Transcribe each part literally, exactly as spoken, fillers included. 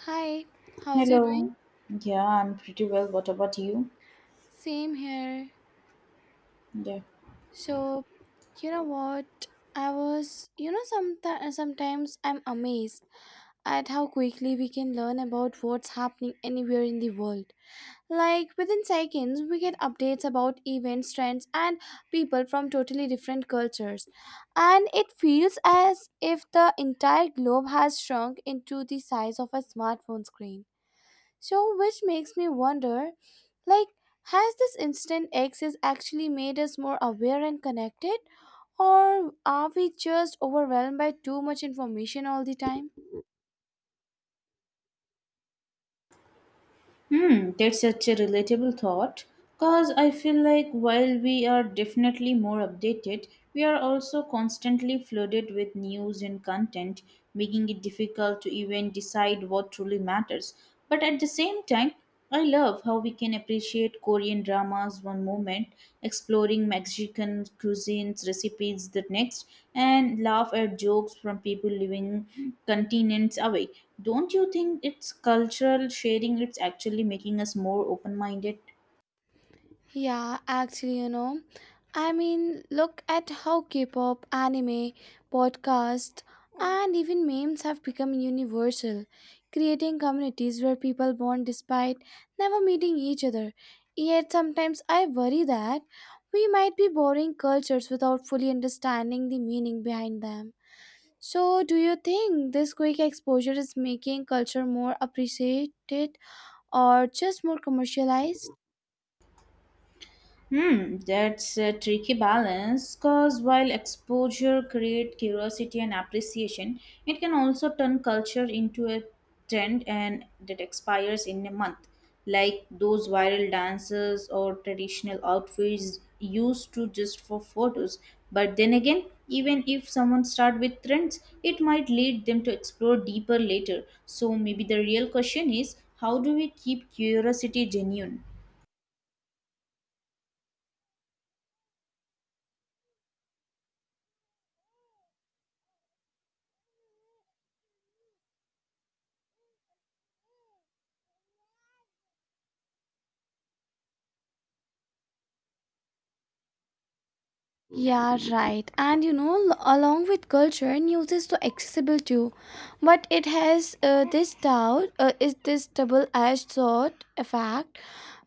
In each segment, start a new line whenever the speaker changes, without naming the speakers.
Hi, how's it doing?
Hello. Yeah, I'm pretty well. What about you?
Same here.
Yeah.
So, you know what? I was, you know, sometimes sometimes I'm amazed at how quickly we can learn about what's happening anywhere in the world. Like within seconds, we get updates about events, trends, and people from totally different cultures. And it feels as if the entire globe has shrunk into the size of a smartphone screen. So, which makes me wonder like, has this instant access actually made us more aware and connected? Or are we just overwhelmed by too much information all the time?
Hmm, that's such a relatable thought. Because I feel like while we are definitely more updated, we are also constantly flooded with news and content, making it difficult to even decide what truly matters. But at the same time, I love how we can appreciate Korean dramas one moment, exploring Mexican cuisines recipes the next, and laugh at jokes from people living continents away. Don't you think it's cultural sharing? It's actually making us more open minded.
Yeah, actually, you know, I mean, look at how K-pop, anime, podcast, and even memes have become universal, creating communities where people bond despite never meeting each other. Yet sometimes I worry that we might be borrowing cultures without fully understanding the meaning behind them. So, do you think this quick exposure is making culture more appreciated or just more commercialized?
Hmm, that's a tricky balance because while exposure creates curiosity and appreciation, it can also turn culture into a trend and that expires in a month, like those viral dances or traditional outfits used to just for photos. But then again, even if someone start with trends, it might lead them to explore deeper later. So maybe the real question is, how do we keep curiosity genuine?
Yeah, right. And you know, l- along with culture, news is so accessible too, but it has uh, this doubt, uh, is this double-edged sword effect,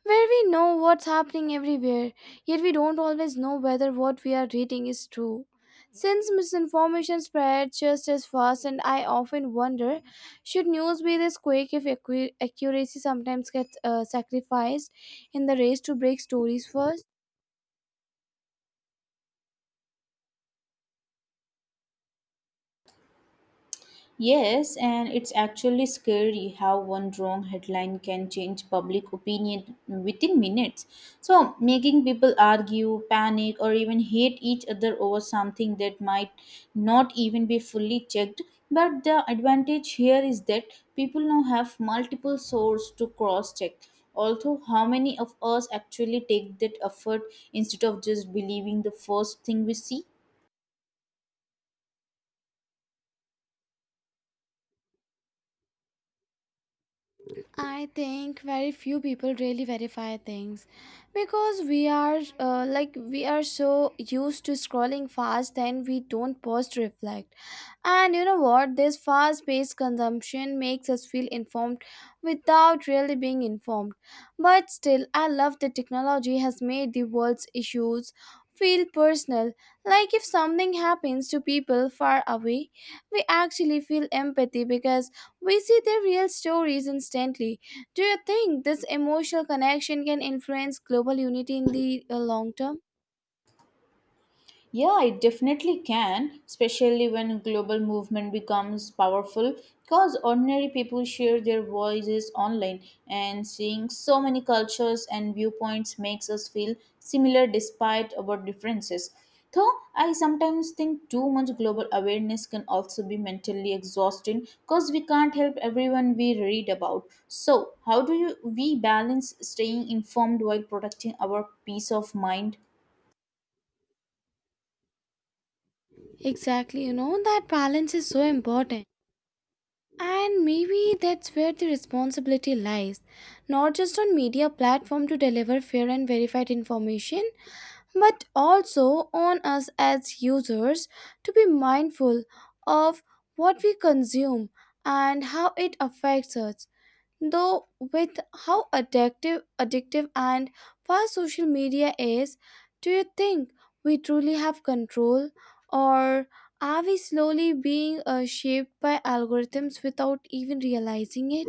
where we know what's happening everywhere, yet we don't always know whether what we are reading is true. Since misinformation spreads just as fast, and I often wonder, should news be this quick if accu- accuracy sometimes gets uh, sacrificed in the race to break stories first?
Yes, and it's actually scary how one wrong headline can change public opinion within minutes. So, making people argue, panic, or even hate each other over something that might not even be fully checked. But the advantage here is that people now have multiple sources to cross check. Although, how many of us actually take that effort instead of just believing the first thing we see?
I think very few people really verify things because we are uh, like we are so used to scrolling fast then we don't pause to reflect. And you know what, this fast-paced consumption makes us feel informed without really being informed. But still I love that technology has made the world's issues feel personal, like if something happens to people far away, we actually feel empathy because we see their real stories instantly. Do you think this emotional connection can influence global unity in the uh, long term?
Yeah, it definitely can, especially when global movement becomes powerful because ordinary people share their voices online and seeing so many cultures and viewpoints makes us feel similar despite our differences. Though I sometimes think too much global awareness can also be mentally exhausting because we can't help everyone we read about. So, how do you, we balance staying informed while protecting our peace of mind?
Exactly, you know, that balance is so important. And maybe that's where the responsibility lies. Not just on media platform to deliver fair and verified information, but also on us as users to be mindful of what we consume and how it affects us. Though with how addictive addictive and fast social media is, do you think we truly have control or are we slowly being uh, shaped by algorithms without even realizing it?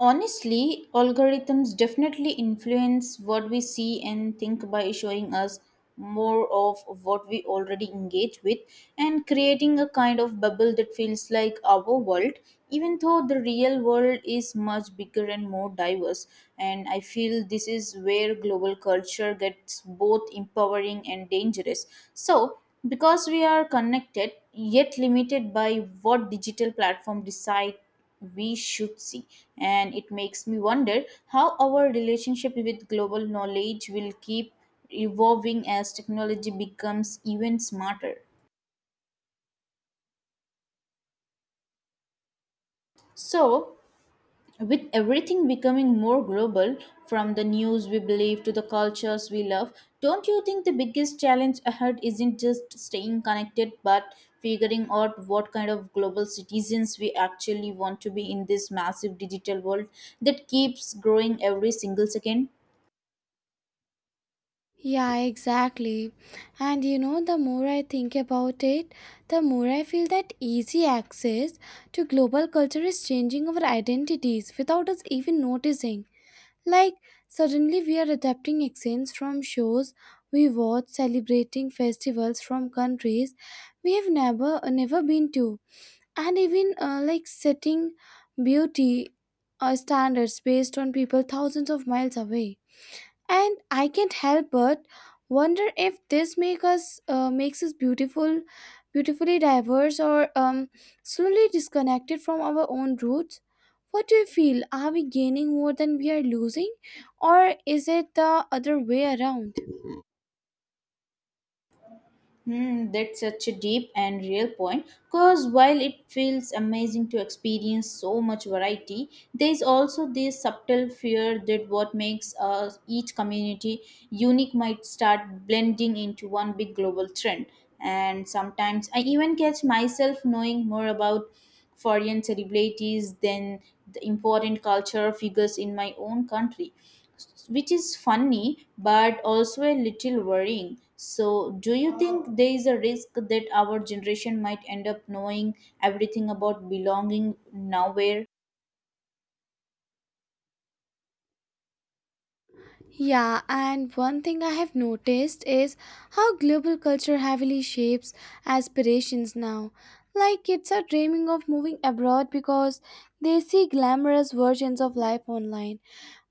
Honestly, algorithms definitely influence what we see and think by showing us more of what we already engage with and creating a kind of bubble that feels like our world, even though the real world is much bigger and more diverse. And I feel this is where global culture gets both empowering and dangerous. So, because we are connected yet limited by what digital platform decide we should see. And it makes me wonder how our relationship with global knowledge will keep evolving as technology becomes even smarter. So, with everything becoming more global, from the news we believe to the cultures we love, don't you think the biggest challenge ahead isn't just staying connected but figuring out what kind of global citizens we actually want to be in this massive digital world that keeps growing every single second?
Yeah, exactly. And you know, the more I think about it, the more I feel that easy access to global culture is changing our identities without us even noticing. Like, suddenly we are adapting accents from shows we watch, celebrating festivals from countries we have never never been to, and even uh, like setting beauty uh, standards based on people thousands of miles away. And I can't help but wonder if this make us uh, makes us beautiful beautifully diverse or um, slowly disconnected from our own roots. What do you feel? Are we gaining more than we are losing, or is it the other way around?
Hmm, that's such a deep and real point. Because while it feels amazing to experience so much variety, there's also this subtle fear that what makes uh, each community unique might start blending into one big global trend. And sometimes I even catch myself knowing more about foreign celebrities than the important cultural figures in my own country, which is funny but also a little worrying. So, do you think there is a risk that our generation might end up knowing everything about belonging nowhere?
Yeah, and one thing I have noticed is how global culture heavily shapes aspirations now. Like kids are dreaming of moving abroad because they see glamorous versions of life online,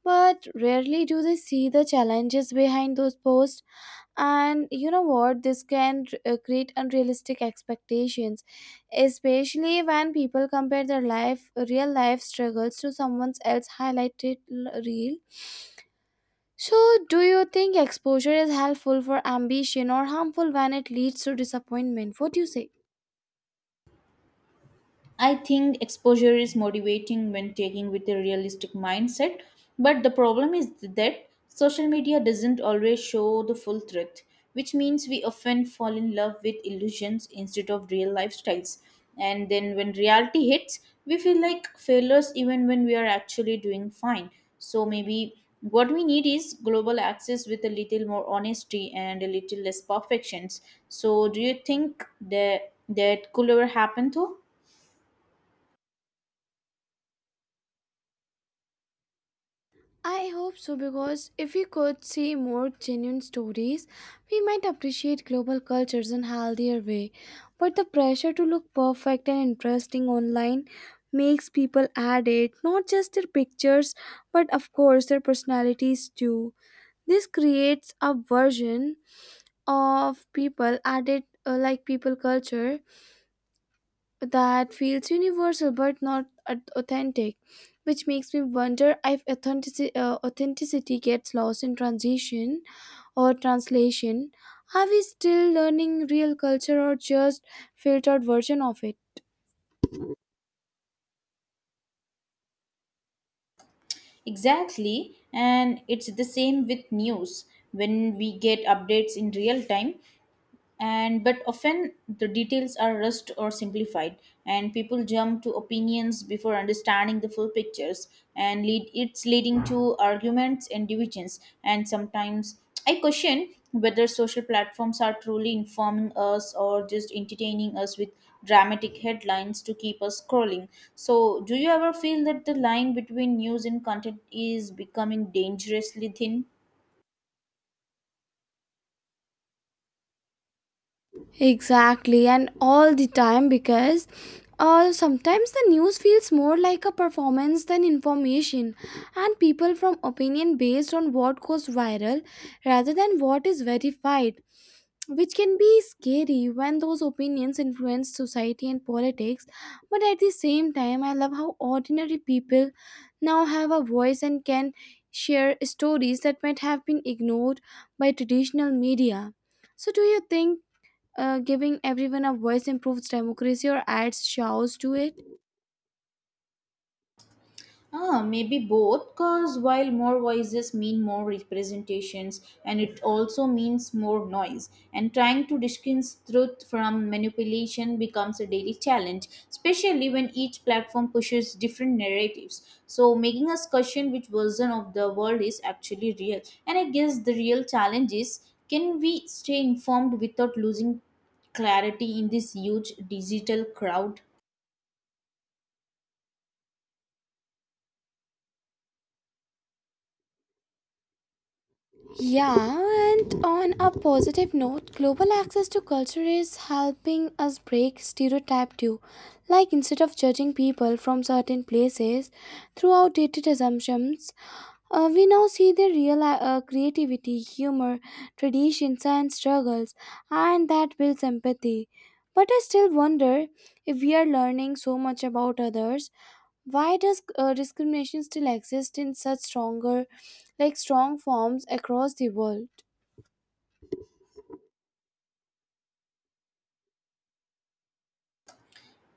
but rarely do they see the challenges behind those posts. And you know what, this can uh, create unrealistic expectations, especially when people compare their life real life struggles to someone else highlighted l- reel. So, do you think exposure is helpful for ambition or harmful when it leads to disappointment? What do you say?
I think exposure is motivating when taking with a realistic mindset, but the problem is that social media doesn't always show the full truth, which means we often fall in love with illusions instead of real lifestyles. And then when reality hits, we feel like failures even when we are actually doing fine. So maybe what we need is global access with a little more honesty and a little less perfections. So do you think that that could ever happen though?
I hope so, because if we could see more genuine stories, we might appreciate global cultures in healthier way. But the pressure to look perfect and interesting online makes people add it, not just their pictures, but of course their personalities too. This creates a version of people added uh, like people culture that feels universal but not aut- authentic, which makes me wonder if authenticity, uh, authenticity gets lost in transition or translation. Are we still learning real culture or just filtered version of it?
Exactly, and it's the same with news. When we get updates in real time, and but often the details are rushed or simplified, and people jump to opinions before understanding the full pictures, and lead it's leading to arguments and divisions, and sometimes I question whether social platforms are truly informing us or just entertaining us with dramatic headlines to keep us scrolling. So do you ever feel that the line between news and content is becoming dangerously thin?
Exactly, and all the time, because uh, sometimes the news feels more like a performance than information, and people form opinion based on what goes viral rather than what is verified, which can be scary when those opinions influence society and politics. But at the same time, I love how ordinary people now have a voice and can share stories that might have been ignored by traditional media. So, do you think uh, giving everyone a voice improves democracy or adds chaos to it?
Ah, maybe both, because while more voices mean more representations, and it also means more noise, and trying to distinguish truth from manipulation becomes a daily challenge, especially when each platform pushes different narratives. So, making us question which version of the world is actually real. And I guess the real challenge is, can we stay informed without losing clarity in this huge digital crowd?
Yeah, and on a positive note, global access to culture is helping us break stereotype too. Like instead of judging people from certain places through outdated assumptions, uh, we now see their real uh, creativity, humor, traditions, and struggles, and that builds empathy. But I still wonder, if we are learning so much about others, why does uh, discrimination still exist in such stronger, like strong forms across the world?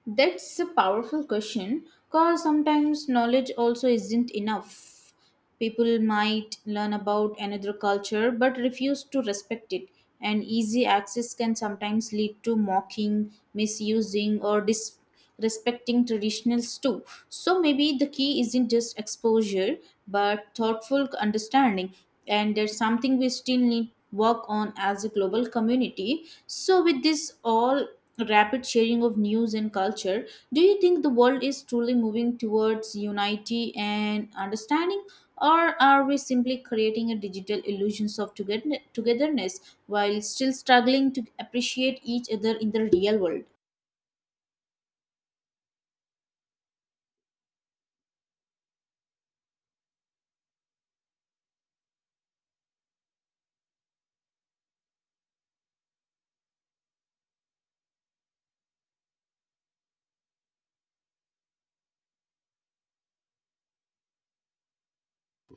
That's a powerful question because sometimes knowledge also isn't enough. People might learn about another culture but refuse to respect it, and easy access can sometimes lead to mocking, misusing, or dis- respecting traditionals too. So maybe the key isn't just exposure but thoughtful understanding, and there's something we still need work on as a global community. So with this all rapid sharing of news and culture, do you think the world is truly moving towards unity and understanding, or are we simply creating a digital illusions of together- togetherness while still struggling to appreciate each other in the real world?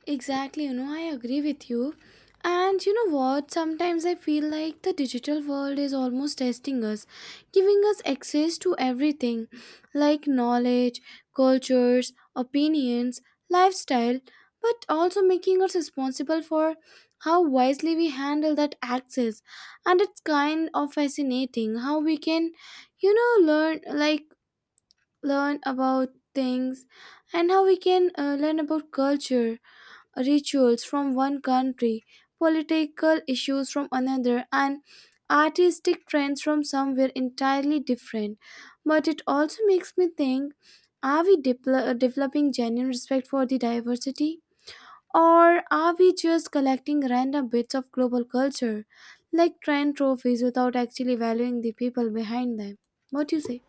Exactly, you know, I agree with you. And you know what? Sometimes I feel like the digital world is almost testing us, giving us access to everything like knowledge, cultures, opinions, lifestyle, but also making us responsible for how wisely we handle that access. And it's kind of fascinating how we can, you know, learn like learn about things, and how we can uh, learn about culture rituals from one country, political issues from another, and artistic trends from somewhere entirely different. But it also makes me think, are we depl- uh, developing genuine respect for the diversity? Or are we just collecting random bits of global culture, like trend trophies, without actually valuing the people behind them? What do you say?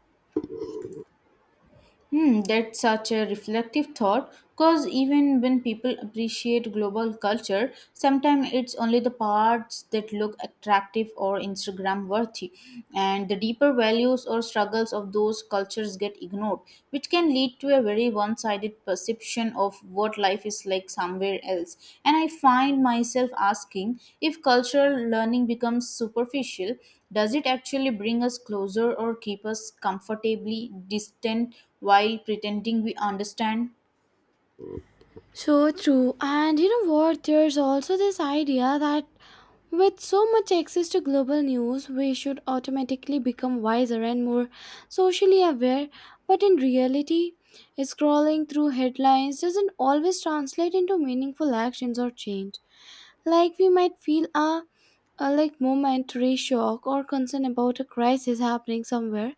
Hmm, that's such a reflective thought because even when people appreciate global culture, sometimes it's only the parts that look attractive or Instagram worthy, and the deeper values or struggles of those cultures get ignored, which can lead to a very one sided perception of what life is like somewhere else. And I find myself asking, if cultural learning becomes superficial, does it actually bring us closer or keep us comfortably distant while pretending we understand?
So true. And you know what? There's also this idea that with so much access to global news, we should automatically become wiser and more socially aware, but in reality, scrolling through headlines doesn't always translate into meaningful actions or change. Like we might feel a, a like momentary shock or concern about a crisis happening somewhere,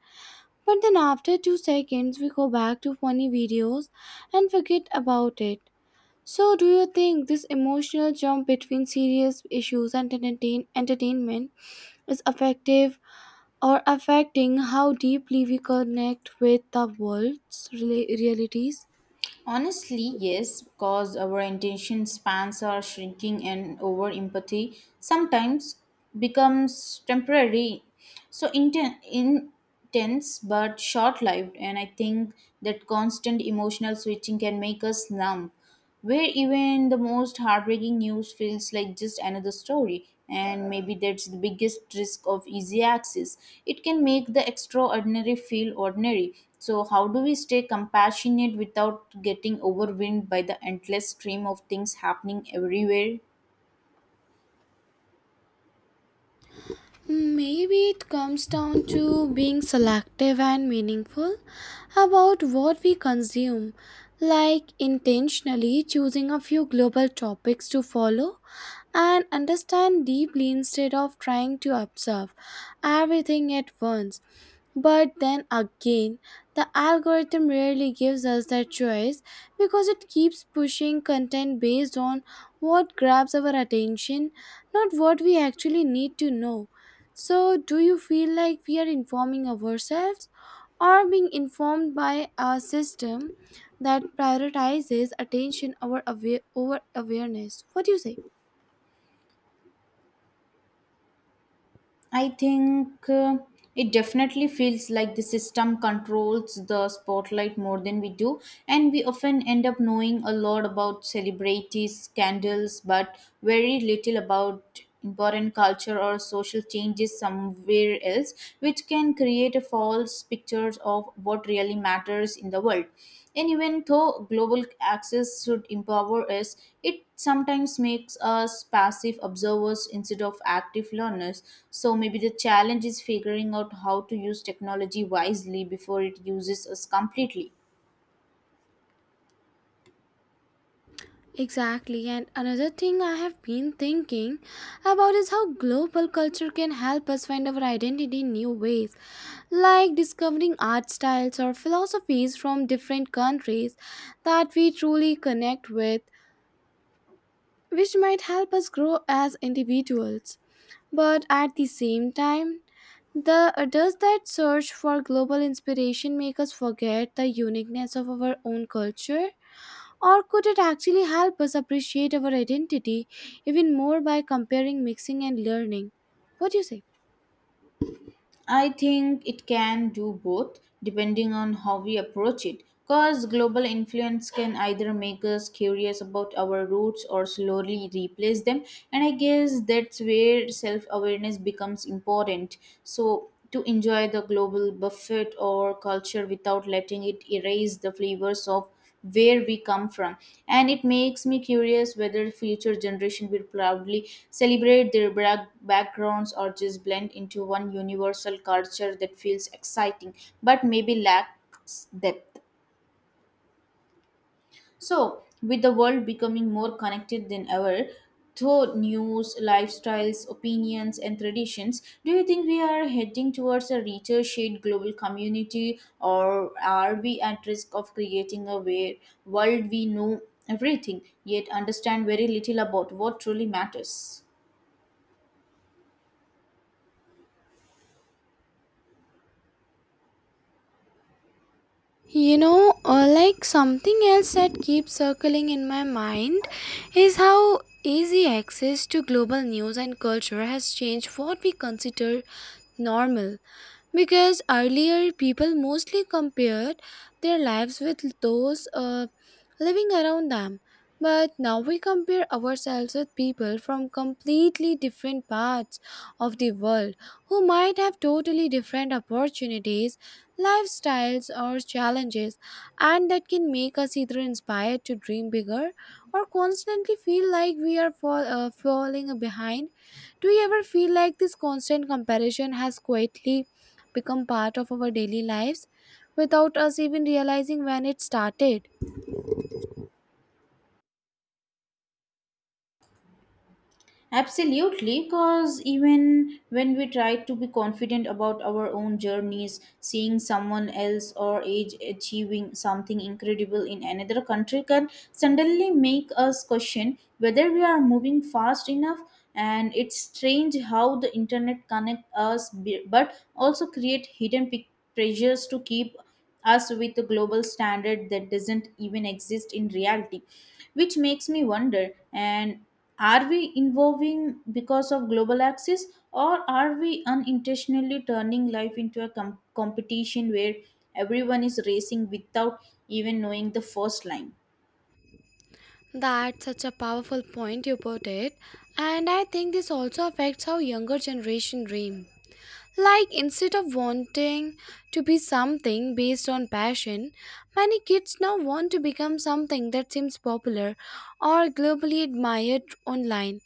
but then after two seconds we go back to funny videos and forget about it. So, do you think this emotional jump between serious issues and entertain- entertainment is effective or affecting how deeply we connect with the world's rela- realities?
Honestly, yes, because our attention spans are shrinking and over empathy sometimes becomes temporary, so inten- intense but short-lived. And I think that constant emotional switching can make us numb, where even the most heartbreaking news feels like just another story. And maybe that's the biggest risk of easy access. It can make the extraordinary feel ordinary. So how do we stay compassionate without getting overwhelmed by the endless stream of things happening everywhere?
Maybe it comes down to being selective and meaningful about what we consume, like intentionally choosing a few global topics to follow and understand deeply instead of trying to observe everything at once. But then again, the algorithm rarely gives us that choice because it keeps pushing content based on what grabs our attention, not what we actually need to know. So, do you feel like we are informing ourselves or being informed by a system that prioritizes attention over, aware- over awareness? What do you say?
I think uh, it definitely feels like the system controls the spotlight more than we do, and we often end up knowing a lot about celebrities, scandals, but very little about important culture or social changes somewhere else, which can create a false picture of what really matters in the world. And even though global access should empower us, it sometimes makes us passive observers instead of active learners. So maybe the challenge is figuring out how to use technology wisely before it uses us completely.
Exactly. And another thing I have been thinking about is how global culture can help us find our identity in new ways, like discovering art styles or philosophies from different countries that we truly connect with, which might help us grow as individuals. But at the same time, the, does that search for global inspiration make us forget the uniqueness of our own culture? Or could it actually help us appreciate our identity even more by comparing, mixing, and learning? What do you say?
I think it can do both depending on how we approach it. Because global influence can either make us curious about our roots or slowly replace them. And I guess that's where self awareness becomes important. So, to enjoy the global buffet or culture without letting it erase the flavors of where we come from. And it makes me curious whether future generation will proudly celebrate their bra- backgrounds or just blend into one universal culture that feels exciting but maybe lacks depth. So, with the world becoming more connected than ever, through news, lifestyles, opinions, and traditions, do you think we are heading towards a richer, shared global community, or are we at risk of creating a way- world we know everything yet understand very little about what truly matters?
You know, uh, like something else that keeps circling in my mind is how easy access to global news and culture has changed what we consider normal. Because earlier people mostly compared their lives with those uh, living around them, but now we compare ourselves with people from completely different parts of the world who might have totally different opportunities, lifestyles, or challenges. And that can make us either inspired to dream bigger or constantly feel like we are fall, uh, falling behind. Do you ever feel like this constant comparison has quietly become part of our daily lives without us even realizing when it started?
Absolutely, because even when we try to be confident about our own journeys, seeing someone else or age achieving something incredible in another country can suddenly make us question whether we are moving fast enough. And it's strange how the internet connects us, be- but also create hidden pic- pressures to keep us with a global standard that doesn't even exist in reality, which makes me wonder, and are we evolving because of global access, or are we unintentionally turning life into a com- competition where everyone is racing without even knowing the first line?
That's such a powerful point you put it, and I think this also affects how younger generation dream. Like, instead of wanting to be something based on passion, many kids now want to become something that seems popular or globally admired online.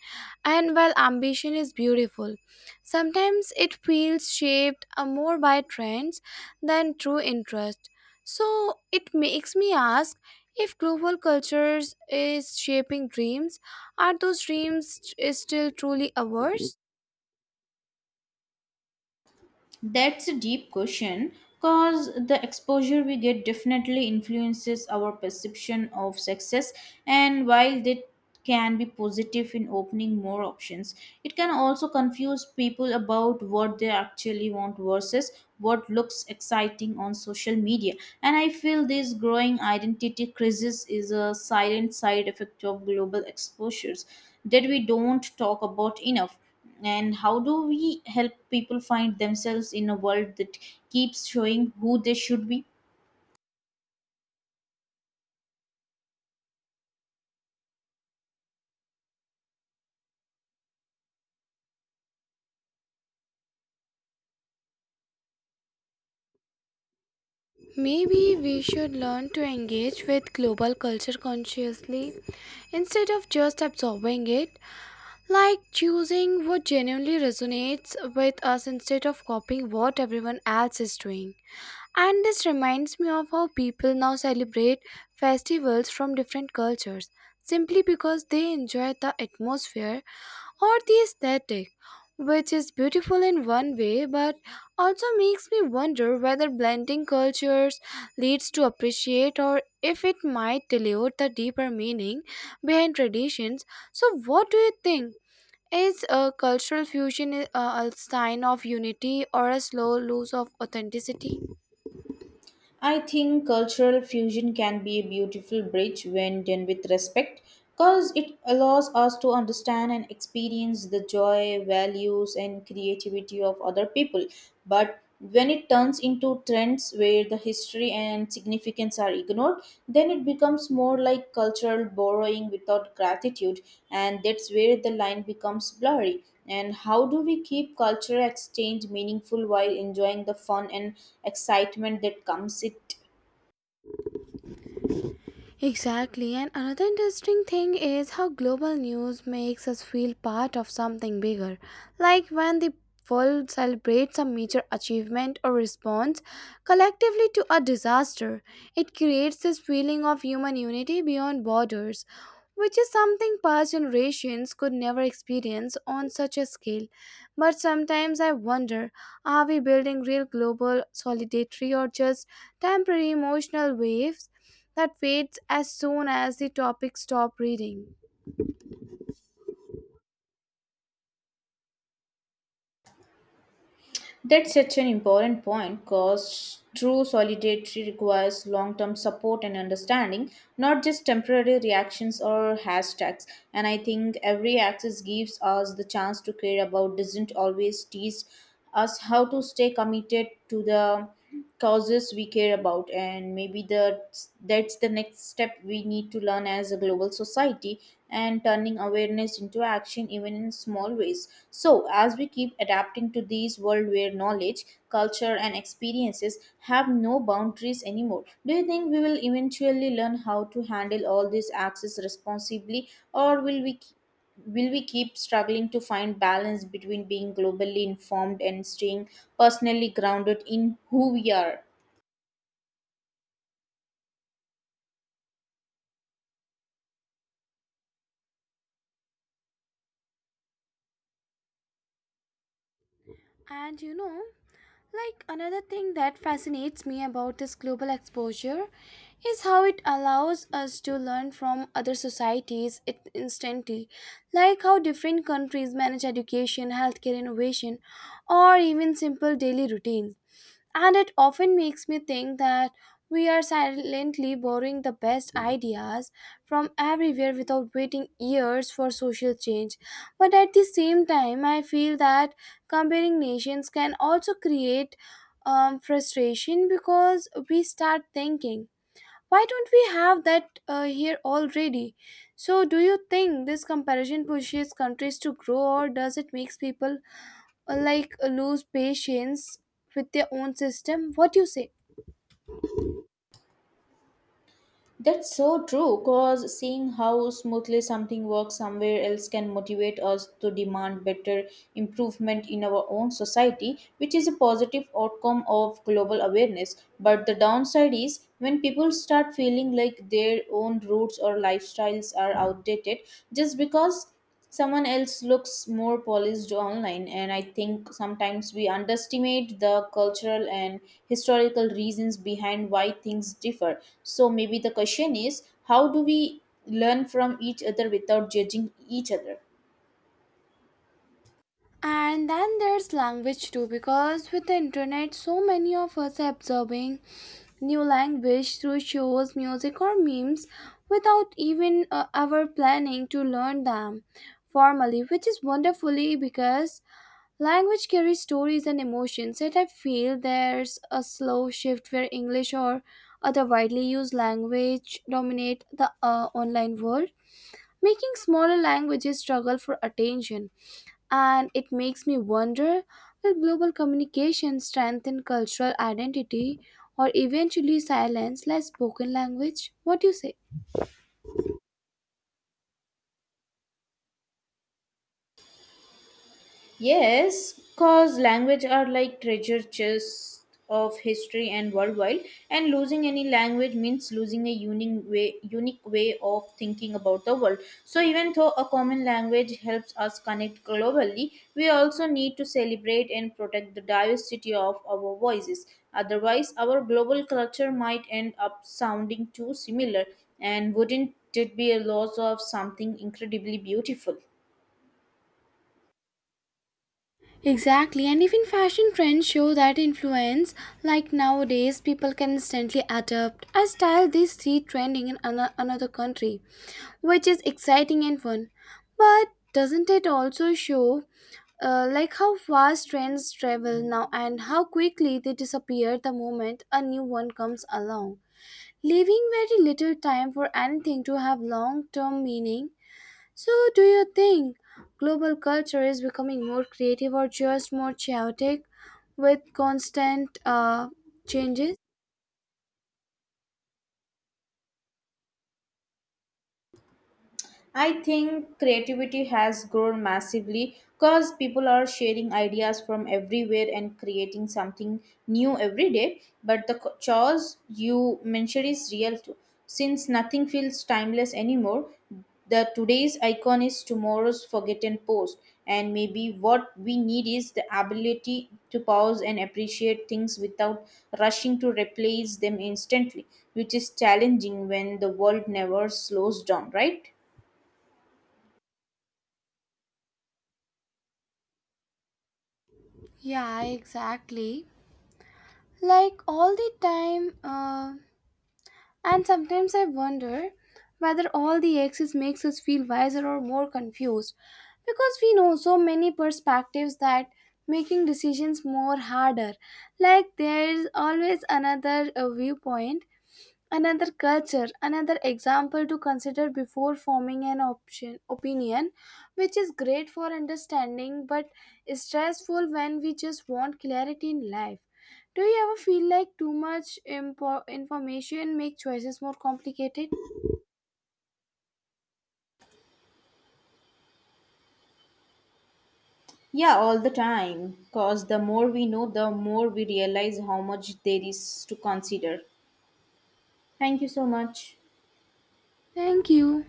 And while ambition is beautiful, sometimes it feels shaped uh, more by trends than true interest. So, it makes me ask, if global cultures is shaping dreams, are those dreams st- still truly ours?
That's a deep question because the exposure we get definitely influences our perception of success. And while that can be positive in opening more options, it can also confuse people about what they actually want versus what looks exciting on social media. And I feel this growing identity crisis is a silent side effect of global exposures that we don't talk about enough. And how do we help people find themselves in a world that keeps showing who they should be?
Maybe we should learn to engage with global culture consciously instead of just absorbing it, like choosing what genuinely resonates with us instead of copying what everyone else is doing. And this reminds me of how people now celebrate festivals from different cultures simply because they enjoy the atmosphere or the aesthetic, which is beautiful in one way but also makes me wonder whether blending cultures leads to appreciate or if it might dilute the deeper meaning behind traditions. So, what do you think? Is a cultural fusion a, a sign of unity or a slow loss of authenticity?
I think cultural fusion can be a beautiful bridge when done with respect, because it allows us to understand and experience the joy values and creativity of other people. But when it turns into trends where the history history and significance are ignored, then it becomes more like cultural borrowing without gratitude, and that's where the line becomes blurry. And how do we keep cultural exchange meaningful while enjoying the fun and excitement that comes it?
Exactly, and another interesting thing is how global news makes us feel part of something bigger. Like when the world celebrates a major achievement or response collectively to a disaster, it creates this feeling of human unity beyond borders, which is something past generations could never experience on such a scale. But sometimes I wonder, are we building real global solidarity or just temporary emotional waves that fades as soon as the topic stop reading?
That's such an important point because true solidarity requires long term support and understanding, not just temporary reactions or hashtags. And I think every access gives us the chance to care about, doesn't always teach us how to stay committed to the causes we care about. And maybe that's that's the next step we need to learn as a global society, and turning awareness into action even in small ways. So as we keep adapting to these world where knowledge culture and experiences have no boundaries anymore, do you think we will eventually learn how to handle all these access responsibly, or will we will we keep struggling to find balance between being globally informed and staying personally grounded in who we are?
And you know, like another thing that fascinates me about this global exposure is how it allows us to learn from other societies it- instantly, like how different countries manage education, healthcare innovation, or even simple daily routines. And it often makes me think that we are silently borrowing the best ideas from everywhere without waiting years for social change. But at the same time, I feel that comparing nations can also create um, frustration, because we start thinking, why don't we have that uh, here already? So, do you think this comparison pushes countries to grow, or does it make people uh, like uh, lose patience with their own system? What you say?
That's so true because seeing how smoothly something works somewhere else can motivate us to demand better improvement in our own society, which is a positive outcome of global awareness. But the downside is when people start feeling like their own roots or lifestyles are outdated just because someone else looks more polished online. And I think sometimes we underestimate the cultural and historical reasons behind why things differ. So maybe the question is, how do we learn from each other without judging each other?
And then there's language too, because with the internet so many of us are absorbing new language through shows, music, or memes without even uh, ever planning to learn them formally, which is wonderfully because language carries stories and emotions. Yet I feel there's a slow shift where english or other widely used language dominate the uh, online world, making smaller languages struggle for attention. And it makes me wonder, will global communication strengthen cultural identity or eventually silence less spoken language? What do you say?
Yes, because language are like treasure chests of history and worldwide, and losing any language means losing a unique way, unique way of thinking about the world. So even though a common language helps us connect globally, we also need to celebrate and protect the diversity of our voices. Otherwise, our global culture might end up sounding too similar, and wouldn't it be a loss of something incredibly beautiful?
Exactly, and even fashion trends show that influence. Like nowadays, people can instantly adapt a style they see trending in ano- another country, which is exciting and fun. But doesn't it also show, uh, like how fast trends travel now and how quickly they disappear the moment a new one comes along, leaving very little time for anything to have long-term meaning? So, do you think global culture is becoming more creative or just more chaotic with constant uh, changes?
I think creativity has grown massively because people are sharing ideas from everywhere and creating something new every day. But the co- chores you mentioned is real too. Since nothing feels timeless anymore, the today's icon is tomorrow's forgotten post. And maybe what we need is the ability to pause and appreciate things without rushing to replace them instantly, which is challenging when the world never slows down, right?
Yeah, exactly. Like all the time, uh, and sometimes I wonder whether all the excess makes us feel wiser or more confused, because we know so many perspectives that making decisions more harder. Like there's always another uh, viewpoint, another culture, another example to consider before forming an option opinion, which is great for understanding but is stressful when we just want clarity in life. Do you ever feel like too much impo- information make choices more complicated?
Yeah, all the time. Because the more we know, the more we realize how much there is to consider. Thank you so much.
Thank you.